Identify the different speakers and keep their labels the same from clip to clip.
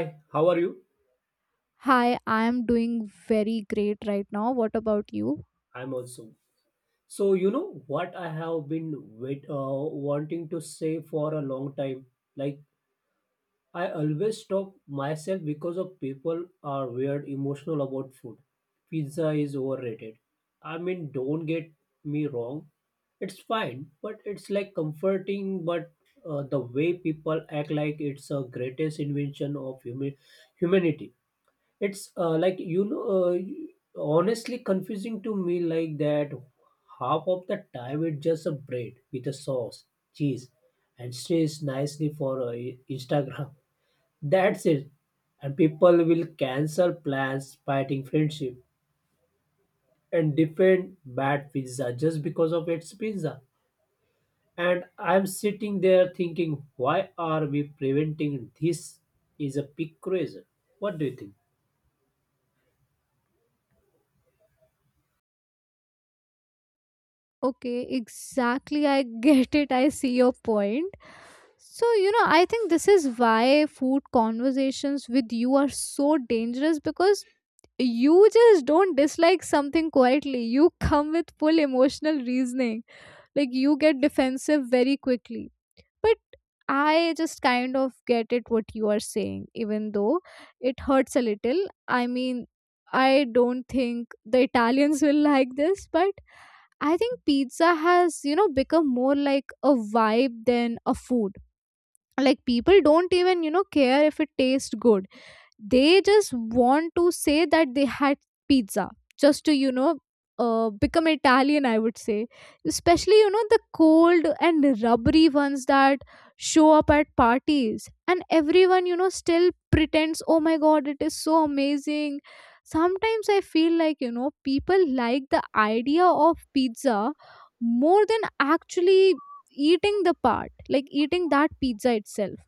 Speaker 1: Hi, how are you?
Speaker 2: Hi, I am doing very great right now. What about you?
Speaker 1: I'm also. So, you know what I have been wait, uh, wanting to say for a long time? Like, I always stop myself because of people are weird emotional about food. Pizza is overrated. I mean, don't get me wrong. It's fine, but it's like comforting, but the way people act like it's a greatest invention of humanity. It's like honestly confusing to me like that. Half of the time it's just a bread with a sauce, cheese, and stays nicely for Instagram. That's it. And people will cancel plans, fighting friendship, and defend bad pizza just because of its pizza. And I'm sitting there thinking, why are we preventing this? Is a big crazy. What do you think?
Speaker 2: Okay, exactly. I get it. I see your point. So, you know, I think this is why food conversations with you are so dangerous because you just don't dislike something quietly. You come with full emotional reasoning. Like, you get defensive very quickly. But I just kind of get it what you are saying, even though it hurts a little. I mean, I don't think the Italians will like this, but I think pizza has, you know, become more like a vibe than a food. Like, people don't even, you know, care if it tastes good. They just want to say that they had pizza just to become Italian, I would say. Especially, you know, the cold and rubbery ones that show up at parties, and everyone, you know, still pretends, oh my god, it is so amazing. Sometimes I feel like, you know, people like the idea of pizza more than actually eating the part, like eating that pizza itself.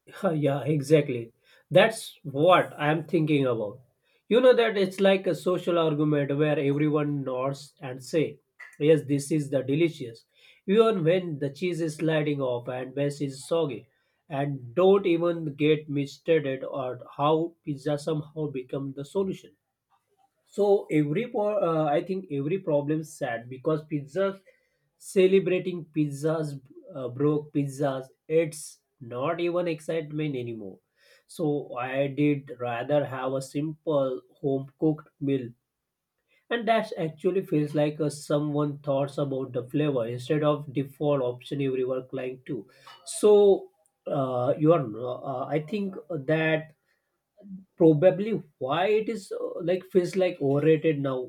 Speaker 1: Yeah, exactly. That's what I'm thinking about. You know that it's like a social argument where everyone nods and say, "Yes, this is the delicious," even when the cheese is sliding off and base is soggy. And don't even get me started on how pizza somehow become the solution. So I think every problem sad because pizzas celebrating pizzas broke pizzas. It's not even excitement anymore. So I did rather have a simple home cooked meal, and that actually feels like someone thoughts about the flavor instead of default option everyone cling to. So you are. I think that probably why it is like feels like overrated now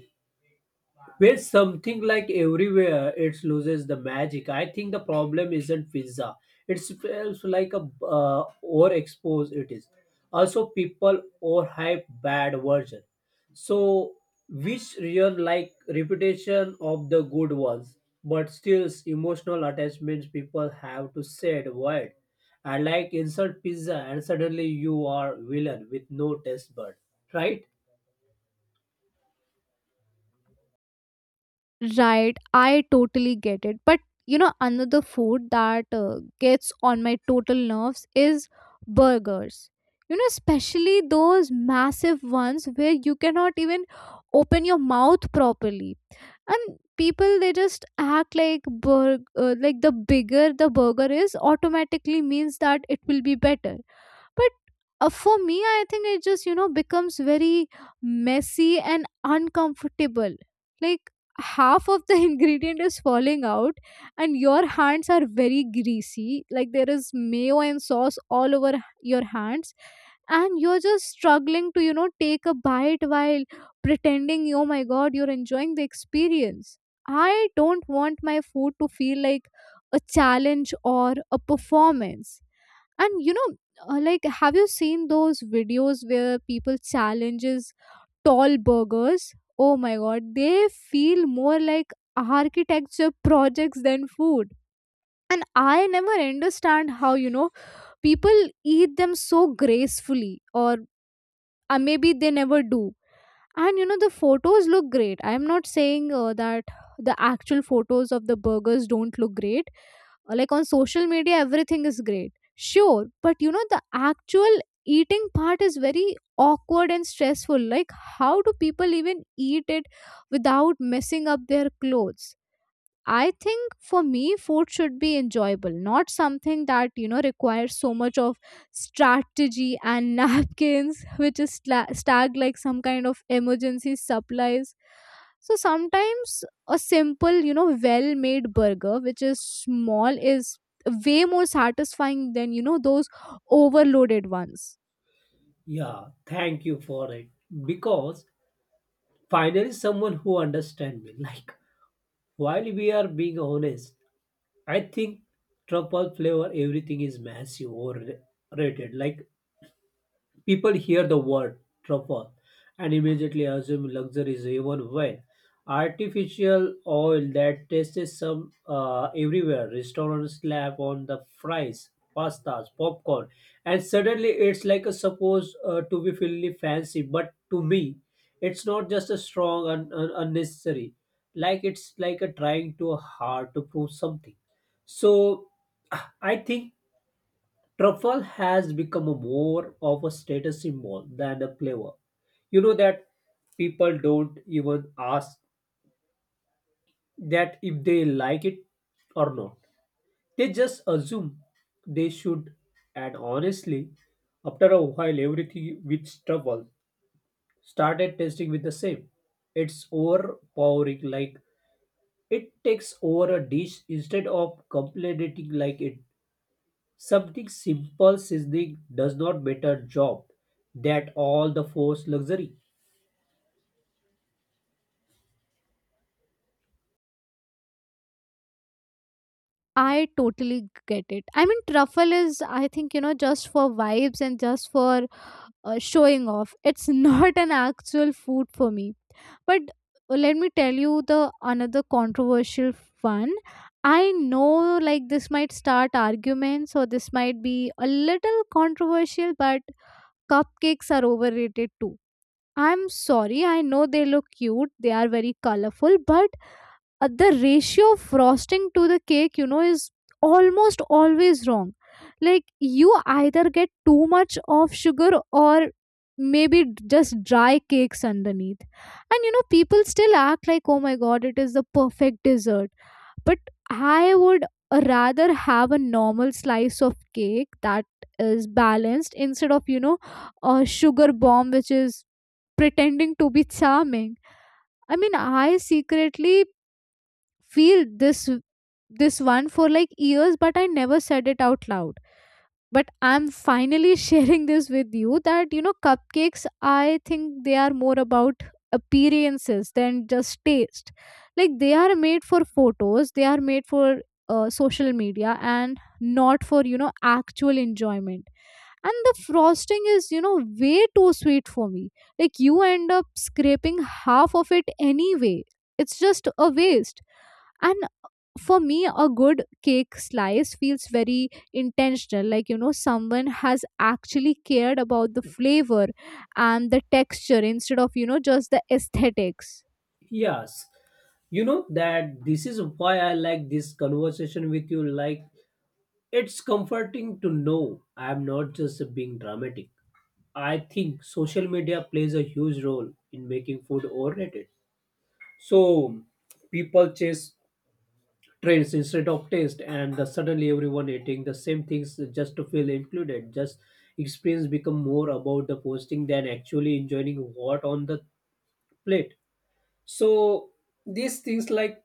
Speaker 1: where something like everywhere it loses the magic. I think the problem isn't pizza, it's feels like a uh, overexposed it is, also people overhype bad version, so which real like reputation of the good ones, but still emotional attachments people have to say the word. I like insert pizza and suddenly you are villain with no taste bud, right?
Speaker 2: Right, I totally get it. But you know, another food that gets on my total nerves is burgers. You know, especially those massive ones where you cannot even open your mouth properly. And people, they just act like like the bigger the burger is automatically means that it will be better. But for me, I think it just, you know, becomes very messy and uncomfortable. Like half of the ingredient is falling out, and your hands are very greasy, like there is mayo and sauce all over your hands, and you're just struggling to, you know, take a bite while pretending, oh my god, you're enjoying the experience. I don't want my food to feel like a challenge or a performance. And, you know, like, have you seen those videos where people challenges tall burgers? Oh my god, they feel more like architecture projects than food. And I never understand how, you know, people eat them so gracefully, or maybe they never do. And you know, the photos look great. I'm not saying that the actual photos of the burgers don't look great. Like, on social media, everything is great. Sure. But you know, the actual eating part is very awkward and stressful. Like, how do people even eat it without messing up their clothes? I think for me, food should be enjoyable, not something that, you know, requires so much of strategy and napkins, which is stacked like some kind of emergency supplies. So sometimes a simple, you know, well-made burger, which is small, is way more satisfying than, you know, those overloaded ones.
Speaker 1: Yeah, thank you for it, because finally someone who understands me. Like while we are being honest, I think truffle flavor everything is massive or rated. Like people hear the word truffle and immediately assume luxury is, even when artificial oil that tastes some everywhere. Restaurants slap on the fries, pastas, popcorn, and suddenly it's like a supposed to be fully fancy. But to me, it's not just a strong and unnecessary. Like it's like a trying too hard to prove something. So I think truffle has become a more of a status symbol than a flavor. You know that people don't even ask that if they like it or not. They just assume they should. And honestly, after a while, everything with truffle started tasting with the same. It's overpowering, like it takes over a dish instead of complementing like it. Something simple seasoning does not better job that all the forced luxury.
Speaker 2: I totally get it. I mean, truffle is, I think, you know, just for vibes and just for showing off. It's not an actual food for me. But let me tell you the another controversial one. I know, like, this might start arguments or this might be a little controversial, but cupcakes are overrated too. I'm sorry, I know they look cute, they are very colorful, but the ratio of frosting to the cake, you know, is almost always wrong. Like, you either get too much of sugar, or maybe just dry cakes underneath. And you know, people still act like, oh my god, it is the perfect dessert. But I would rather have a normal slice of cake that is balanced instead of, you know, a sugar bomb which is pretending to be charming. I mean, I secretly feel this one for like years, but I never said it out loud. But I'm finally sharing this with you, that you know, cupcakes, I think they are more about appearances than just taste. Like, they are made for photos, they are made for social media, and not for, you know, actual enjoyment. And the frosting is, you know, way too sweet for me. Like, you end up scraping half of it anyway. It's just a waste. And for me, a good cake slice feels very intentional, like, you know, someone has actually cared about the flavor and the texture instead of, you know, just the aesthetics.
Speaker 1: Yes, you know that this is why I like this conversation with you. Like, it's comforting to know I'm not just being dramatic. I think social media plays a huge role in making food overrated. So people chase trends instead of taste, and the suddenly everyone eating the same things just to feel included, just experience become more about the posting than actually enjoying what on the plate. So these things like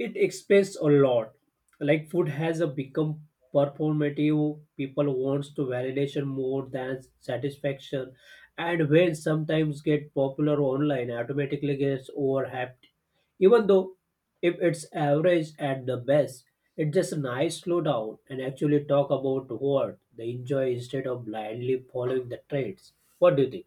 Speaker 1: it explains a lot. Like food has a become performative, people wants to validation more than satisfaction, and when sometimes get popular online automatically gets overhyped, even though if it's average at the best. It just nice slow down and actually talk about what they enjoy instead of blindly following the trends. What do you think?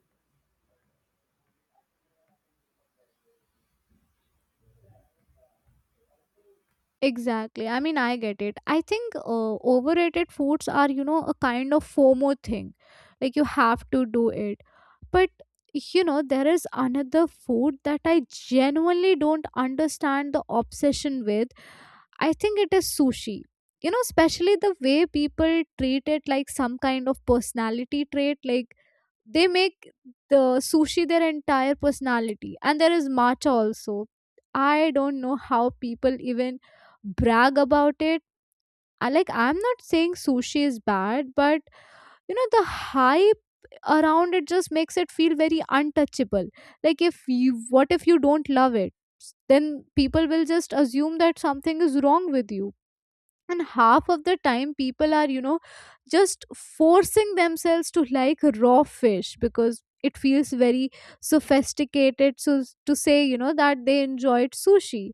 Speaker 2: Exactly. I mean, I get it. I think overrated foods are, you know, a kind of FOMO thing. Like, you have to do it. But, you know, there is another food that I genuinely don't understand the obsession with. I think it is sushi. You know, especially the way people treat it like some kind of personality trait. Like, they make the sushi their entire personality. And there is matcha also. I don't know how people even brag about it. I, like, I'm not saying sushi is bad, but you know, the hype around it just makes it feel very untouchable. Like, if you, what if you don't love it? Then people will just assume that something is wrong with you. And half of the time, people are, you know, just forcing themselves to like raw fish because it feels very sophisticated, to say, you know, that they enjoyed sushi.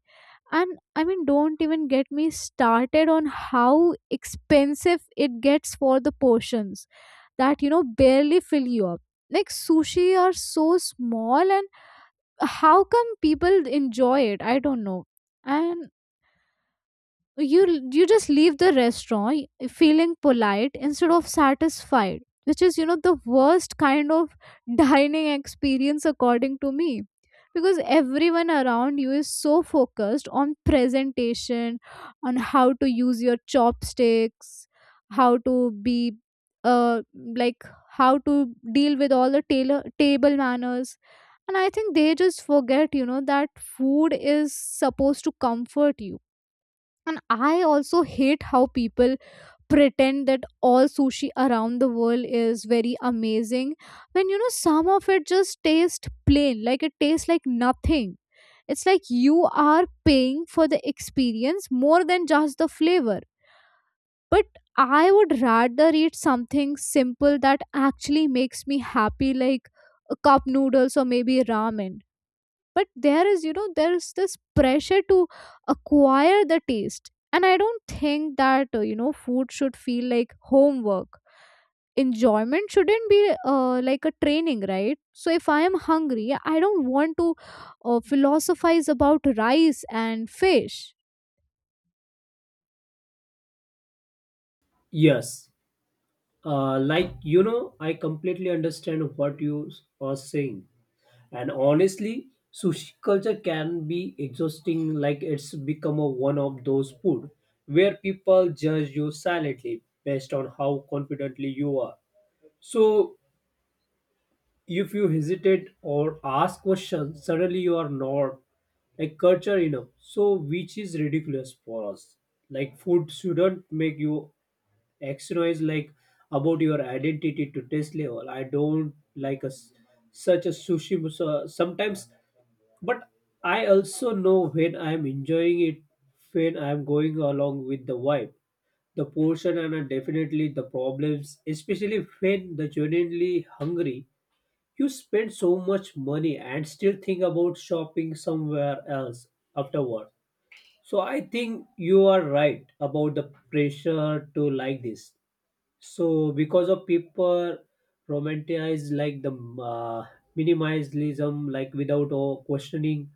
Speaker 2: And I mean, don't even get me started on how expensive it gets for the portions that, you know, barely fill you up. Like, sushi are so small, and how come people enjoy it, I don't know. And you just leave the restaurant feeling polite instead of satisfied, which is, you know, the worst kind of dining experience according to me. Because everyone around you is so focused on presentation, on how to use your chopsticks, how to be, uh like, how to deal with all the tailor, table manners. And I think they just forget, you know, that food is supposed to comfort you. And I also hate how people pretend that all sushi around the world is very amazing, when, you know, some of it just tastes plain, like it tastes like nothing. It's like you are paying for the experience more than just the flavor. But I would rather eat something simple that actually makes me happy, like a cup noodles or maybe ramen. But there is, you know, there's this pressure to acquire the taste, and I don't think that, you know, food should feel like homework. Enjoyment shouldn't be, like, a training, right? So if I am hungry, I don't want to philosophize about rice and fish.
Speaker 1: Yes, like you know, I completely understand what you are saying. And honestly, sushi culture can be exhausting, like it's become a one of those food where people judge you silently based on how confidently you are. So if you hesitate or ask questions, suddenly you are not like culture enough. So which is ridiculous for us. Like food shouldn't make you exercise like about your identity to taste level. I don't like a such a sushi. So sometimes, but I also know when I'm enjoying it, when I'm going along with the vibe, the portion, and definitely the problems, especially when the genuinely hungry. You spend so much money and still think about shopping somewhere else afterward. So I think you are right about the pressure to like this. So because of people romanticize like the minimalism, like without questioning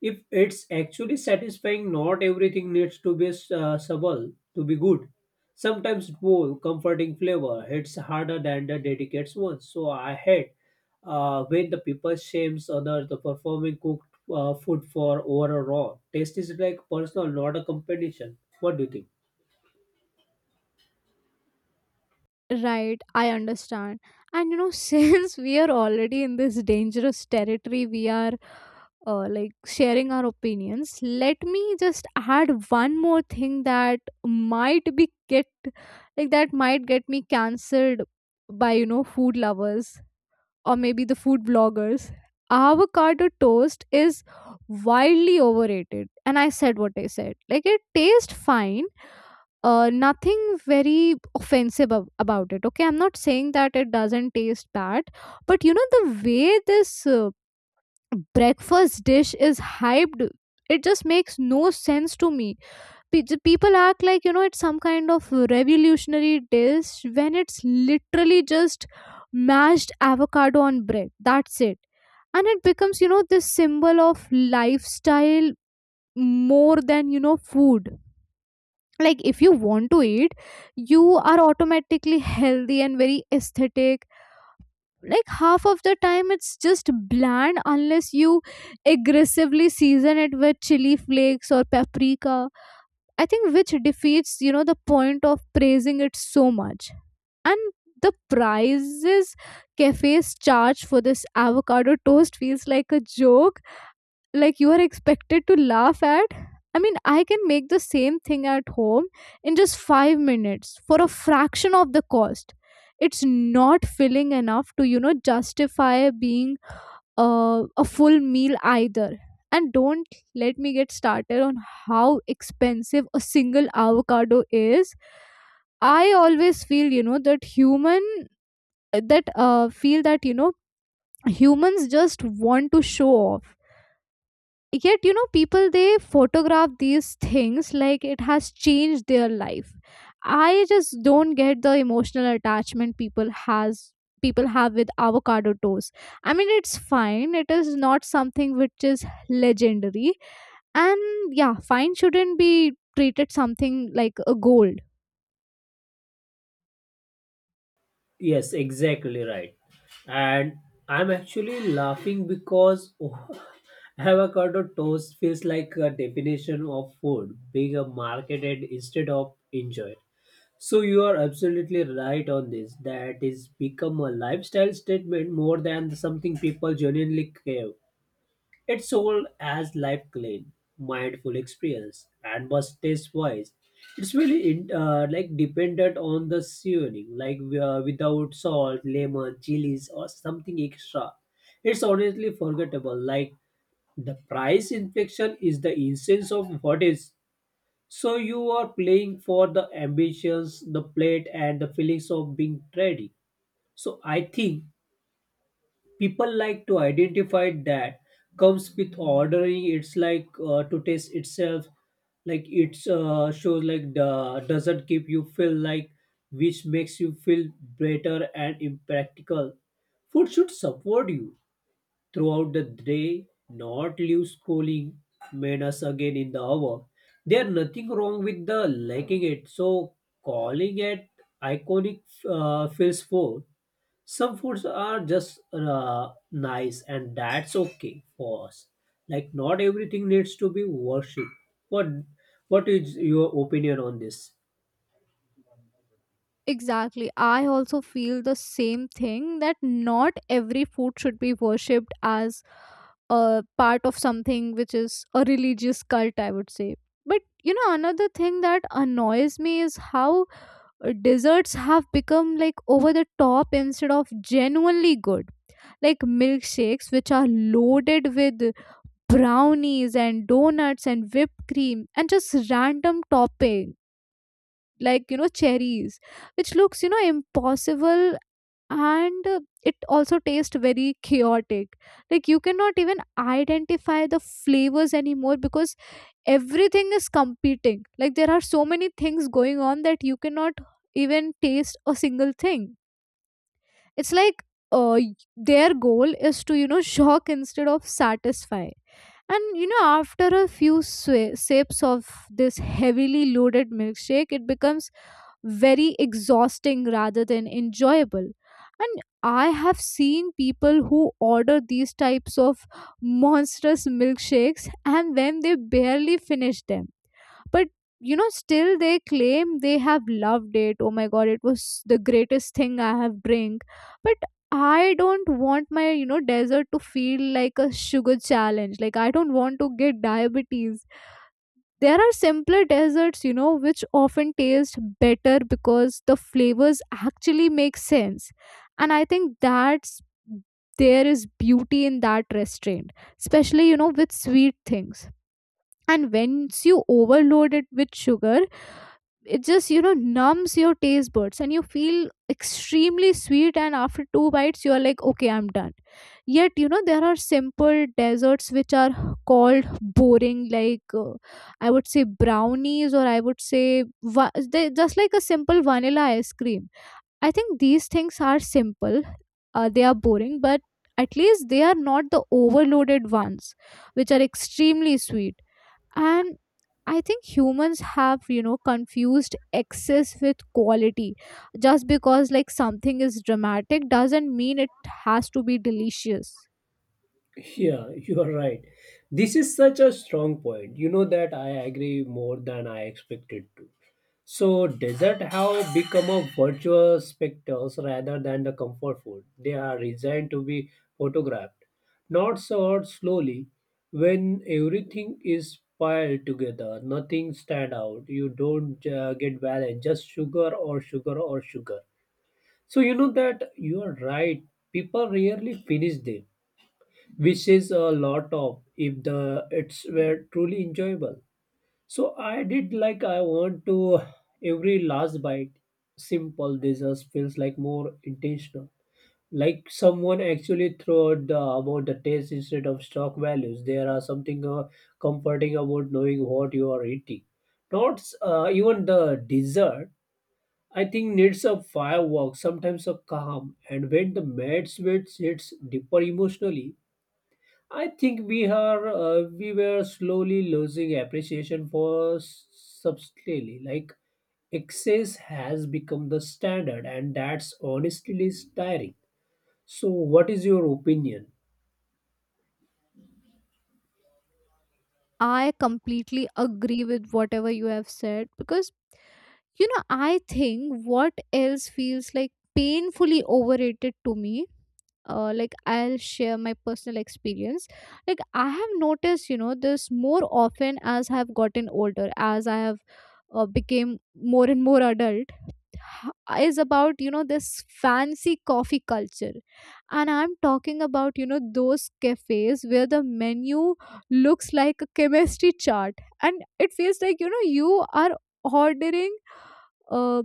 Speaker 1: if it's actually satisfying. Not everything needs to be subtle to be good. Sometimes bold comforting flavor hits harder than the dedicates ones. So I hate when the people shames others the performing cooked food for overall raw taste. Is like personal, not a competition. What do you think?
Speaker 2: Right, I understand. And you know, since we are already in this dangerous territory, we are, like, sharing our opinions, let me just add one more thing that might be get like that might get me cancelled by, you know, food lovers or maybe the food bloggers. Avocado toast is wildly overrated, and I said what I said. Like, it tastes fine. Nothing very offensive about it. Okay, I'm not saying that it doesn't taste bad. But you know, the way this breakfast dish is hyped, it just makes no sense to me. The people act like, you know, it's some kind of revolutionary dish when it's literally just mashed avocado on bread, that's it. And it becomes, you know, this symbol of lifestyle more than, you know, food. Like, if you want to eat, you are automatically healthy and very aesthetic. Like, half of the time it's just bland unless you aggressively season it with chili flakes or paprika, I think, which defeats, you know, the point of praising it so much. And the prices cafes charge for this avocado toast feels like a joke, like you are expected to laugh at. I mean, I can make the same thing at home in just 5 minutes for a fraction of the cost. It's not filling enough to, you know, justify being a full meal either. And don't let me get started on how expensive a single avocado is. I always feel, you know, that human that feel that you know humans just want to show off. Yet, you know, people, they photograph these things like it has changed their life. I just don't get the emotional attachment people have with avocado toast. I mean, it's fine, it is not something which is legendary. And yeah, fine shouldn't be treated something like a gold.
Speaker 1: Yes, exactly right. And I'm actually laughing because avocado toast feels like a definition of food being a marketed instead of enjoyed. So you are absolutely right on this. That is become a lifestyle statement more than something people genuinely crave. It's sold as life clean, mindful experience, and was taste wise. It's really in, like dependent on the seasoning, like without salt, lemon, chilies, or something extra. It's honestly forgettable. Like the price inflation is the essence of what is. So you are playing for the ambitions, the plate, and the feelings of being ready. So I think people like to identify that comes with ordering. It's like to taste itself, like it's shows like the doesn't keep you feel like, which makes you feel better and impractical. Food should support you throughout the day, not leave schooling men us again in the hour. There nothing wrong with the liking it, so calling it iconic feels full. Some foods are just nice, and that's okay for us. Like not everything needs to be worshipped. what what is your opinion on this?
Speaker 2: Exactly, I also feel the same thing, that not every food should be worshipped as a part of something which is a religious cult, I would say. But you know, another thing that annoys me is how desserts have become like over the top instead of genuinely good. Like milkshakes, which are loaded with brownies and donuts and whipped cream and just random topping, like you know, cherries, which looks you know impossible and it also tastes very chaotic. Like you cannot even identify the flavors anymore because everything is competing. Like there are so many things going on that you cannot even taste a single thing. It's like their goal is to you know shock instead of satisfy. And you know, after a few sips of this heavily loaded milkshake, it becomes very exhausting rather than enjoyable. And I have seen people who order these types of monstrous milkshakes and then they barely finish them, but you know still they claim they have loved it. Oh my god, it was the greatest thing I have drank. But I don't want my you know desert to feel like a sugar challenge. Like I don't want to get diabetes. There are simpler desserts you know which often taste better because the flavors actually make sense. And I think that's there is beauty in that restraint, especially you know with sweet things. And once you overload it with sugar, it just you know numbs your taste buds and you feel extremely sweet, and after two bites you are like okay I'm done. Yet you know there are simple desserts which are called boring, like I would say brownies, or I would say they just like a simple vanilla ice cream. I think these things are simple. They are boring, but at least they are not the overloaded ones which are extremely sweet. And I think humans have you know confused excess with quality. Just because like something is dramatic doesn't mean it has to be delicious.
Speaker 1: Yeah, you are right. This is such a strong point. You know that I agree more than I expected to. So desert have become a virtual spectacles rather than the comfort food. They are designed to be photographed, not served slowly. When everything is piled together, nothing stand out. You don't get balance, just sugar or sugar or sugar. So you know that you are right. People rarely finish them, which is a lot of if the it's were truly enjoyable. So I did like I want to every last bite. Simple desserts feels like more intentional. Like someone actually thought the, about the taste instead of stock values. There are something comforting about knowing what you are eating. Not even the dessert. I think needs a firework, sometimes a calm, and when the mad sweat hits deeper emotionally, I think we were slowly losing appreciation for subtlety. Like excess has become the standard, and that's honestly tiring. So what is your opinion?
Speaker 2: I completely agree with whatever you have said, because you know I think what else feels like painfully overrated to me. Like, I'll share my personal experience. Like I have noticed, you know, this more often as I have gotten older, as I have became more and more adult. Is about you know this fancy coffee culture, and I'm talking about you know those cafes where the menu looks like a chemistry chart, and it feels like you know you are ordering, uh,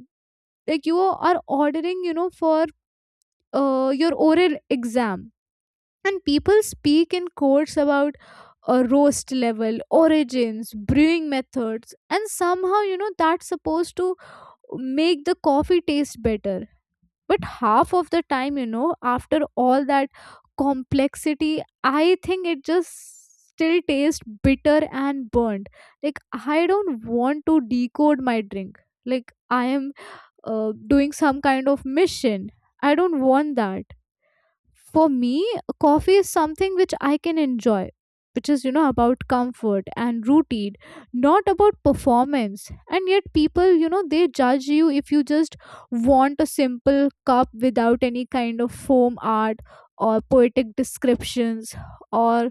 Speaker 2: like you are ordering, you know, for your oral exam. And people speak in codes about roast level origins brewing methods, and somehow you know that's supposed to make the coffee taste better, but half of the time you know after all that complexity, I think it just still tastes bitter and burnt. Like, I don't want to decode my drink like I am doing some kind of mission. I don't want that. For me, coffee is something which I can enjoy, which is you know about comfort and routine, not about performance. And yet people you know they judge you if you just want a simple cup without any kind of foam art or poetic descriptions or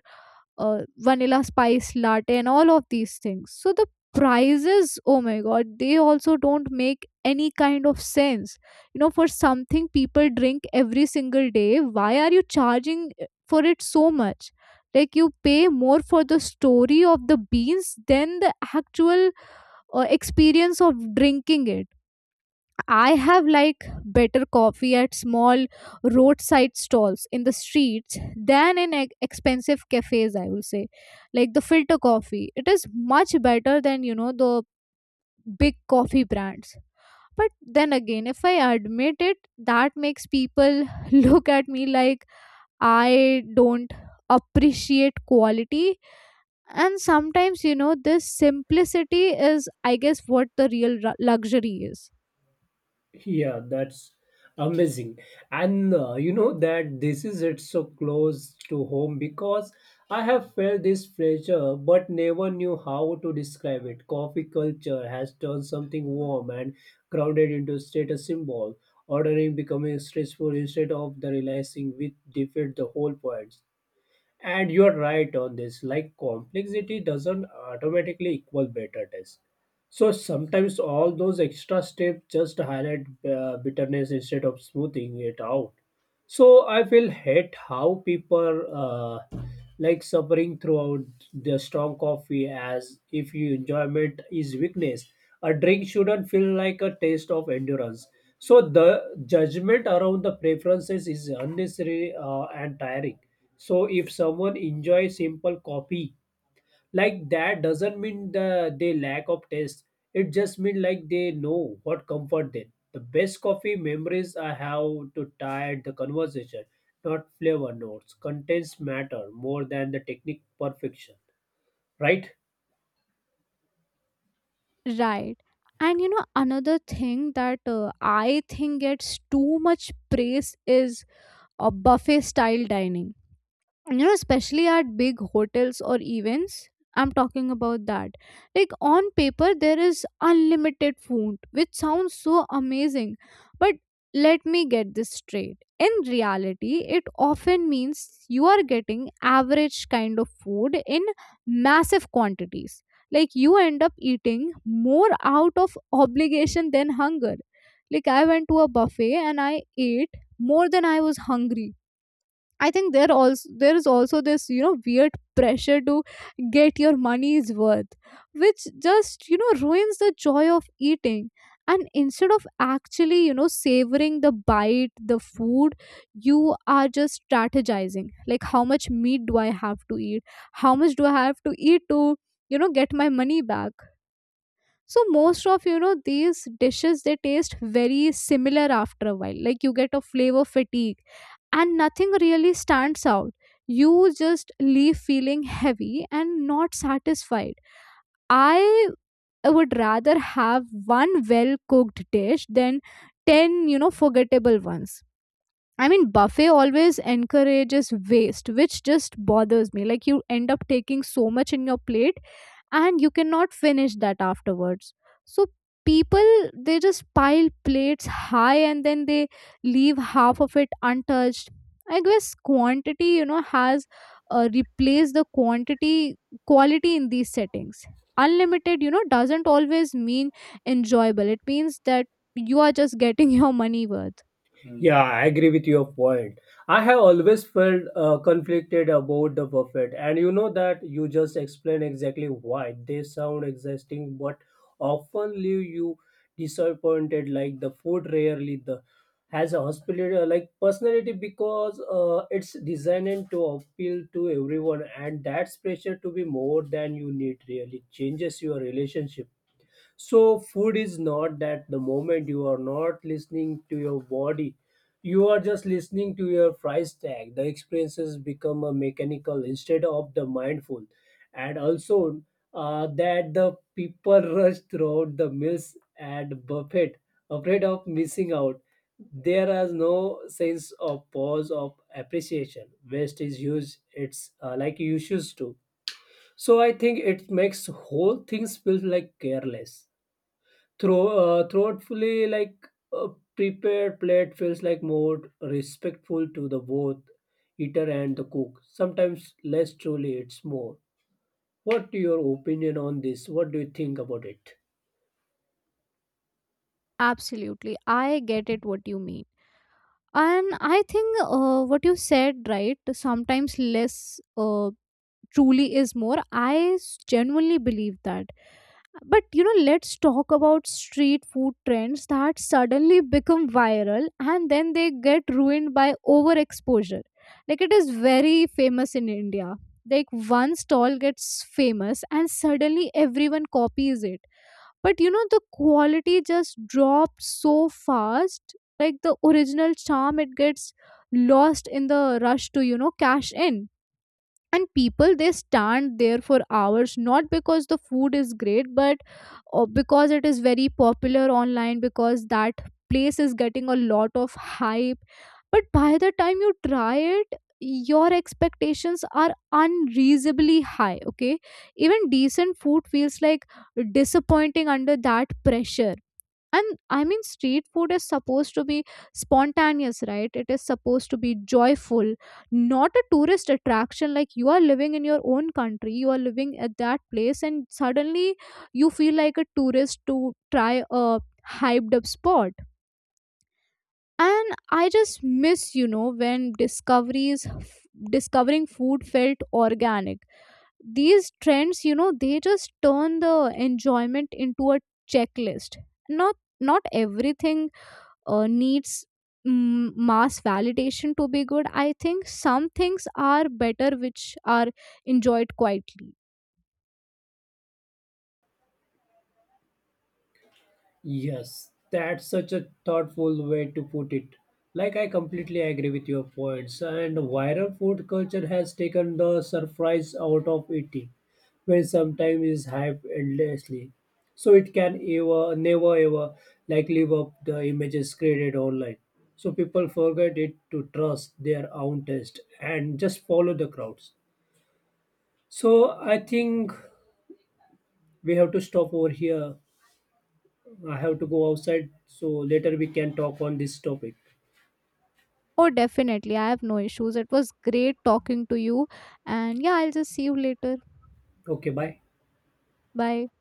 Speaker 2: vanilla spice latte and all of these things. So the prices, oh my god, they also don't make any kind of sense. You know, for something people drink every single day, why are you charging for it so much? Like you pay more for the story of the beans than the actual experience of drinking it. I have like better coffee at small roadside stalls in the streets than in expensive cafes, I will say. Like the filter coffee, it is much better than you know the big coffee brands. But then again, if I admit it, that makes people look at me like I don't appreciate quality. And sometimes, you know, this simplicity is, I guess, what the real luxury is.
Speaker 1: Yeah, that's amazing. And you know that this is it so close to home, because I have felt this pressure but never knew how to describe it. Coffee culture has turned something warm and crowded into status symbol, ordering becoming stressful instead of the relaxing, which defeat the whole point. And you're right on this. Like complexity doesn't automatically equal better taste. So sometimes all those extra steps just highlight bitterness instead of smoothing it out. So I feel hate how people like suffering throughout the strong coffee as if you enjoyment is weakness. A drink shouldn't feel like a taste of endurance. So the judgment around the preferences is unnecessary and tiring. So if someone enjoys simple coffee, like that doesn't mean the they lack of taste. It just mean like they know what comfort them. The best coffee memories I have to tie the conversation, not flavor notes. Contents matter more than the technique perfection, right?
Speaker 2: Right. And you know, another thing that I think gets too much praise is a buffet style dining, you know, especially at big hotels or events. I'm talking about that. Like on paper there is unlimited food which sounds so amazing, but let me get this straight, in reality it often means you are getting average kind of food in massive quantities. Like you end up eating more out of obligation than hunger. Like I went to a buffet and I ate more than I was hungry. I think there is also this you know weird pressure to get your money's worth, which just you know ruins the joy of eating. And instead of actually you know savoring the bite, the food, you are just strategizing like how much meat do I have to eat, how much do I have to eat to you know get my money back. So most of you know these dishes they taste very similar after a while. Like you get a flavor fatigue and nothing really stands out. You just leave feeling heavy and not satisfied. I would rather have one well cooked dish than 10, you know, forgettable ones. I mean, buffet always encourages waste, which just bothers me. Like, you end up taking so much in your plate and you cannot finish that afterwards. So people they just pile plates high and then they leave half of it untouched. I guess quantity you know has replaced the quantity quality in these settings. Unlimited you know doesn't always mean enjoyable, it means that you are just getting your money worth.
Speaker 1: Yeah, I agree with your point. I have always felt conflicted about the buffet, and you know that you just explained exactly why they sound exhausting, but often leave you disappointed. Like the food rarely the has a hospitality like personality, because it's designed to appeal to everyone, and that's pressure to be more than you need really changes your relationship. So, food is not that. The moment you are not listening to your body, you are just listening to your price tag. The experiences become a mechanical instead of the mindful, and also that the people rush throughout the meals at buffet, afraid of missing out. There is no sense of pause of appreciation. Waste is used; it's like you used to. So I think it makes whole things feel like careless. Throw thoughtfully, like a prepared plate feels like more respectful to the both eater and the cook. Sometimes less truly, it's more. What your opinion on this? What do you think about it?
Speaker 2: Absolutely, I get it what you mean. And I think what you said right, sometimes less truly is more. Genuinely believe that. But you know, let's talk about street food trends that suddenly become viral and then they get ruined by overexposure. Like it is very famous in India. Like one stall gets famous and suddenly everyone copies it. But you know, the quality just drops so fast. Like the original charm, it gets lost in the rush to, you know, cash in. And people they stand there for hours not because the food is great, but because it is very popular online, because that place is getting a lot of hype. But by the time you try it your expectations are unreasonably high, okay, even decent food feels like disappointing under that pressure. And I mean street food is supposed to be spontaneous, right, it is supposed to be joyful, not a tourist attraction. Like you are living in your own country, you are living at that place, and suddenly you feel like a tourist to try a hyped up spot. And I just miss you know when discoveries discovering food felt organic. These trends you know they just turn the enjoyment into a checklist. not Not everything needs mass validation to be good. I think some things are better which are enjoyed quietly.
Speaker 1: Yes, that's such a thoughtful way to put it. Like, I completely agree with your points. And viral food culture has taken the surprise out of eating, when sometimes it's hyped endlessly. So it can ever, never ever, like live up the images created online. So people forget it to trust their own taste and just follow the crowds. So I think we have to stop over here. I have to go outside, so later we can talk on this topic.
Speaker 2: Oh definitely, I have no issues, it was great talking to you. And yeah, I'll just see you later.
Speaker 1: Okay, bye.
Speaker 2: Bye.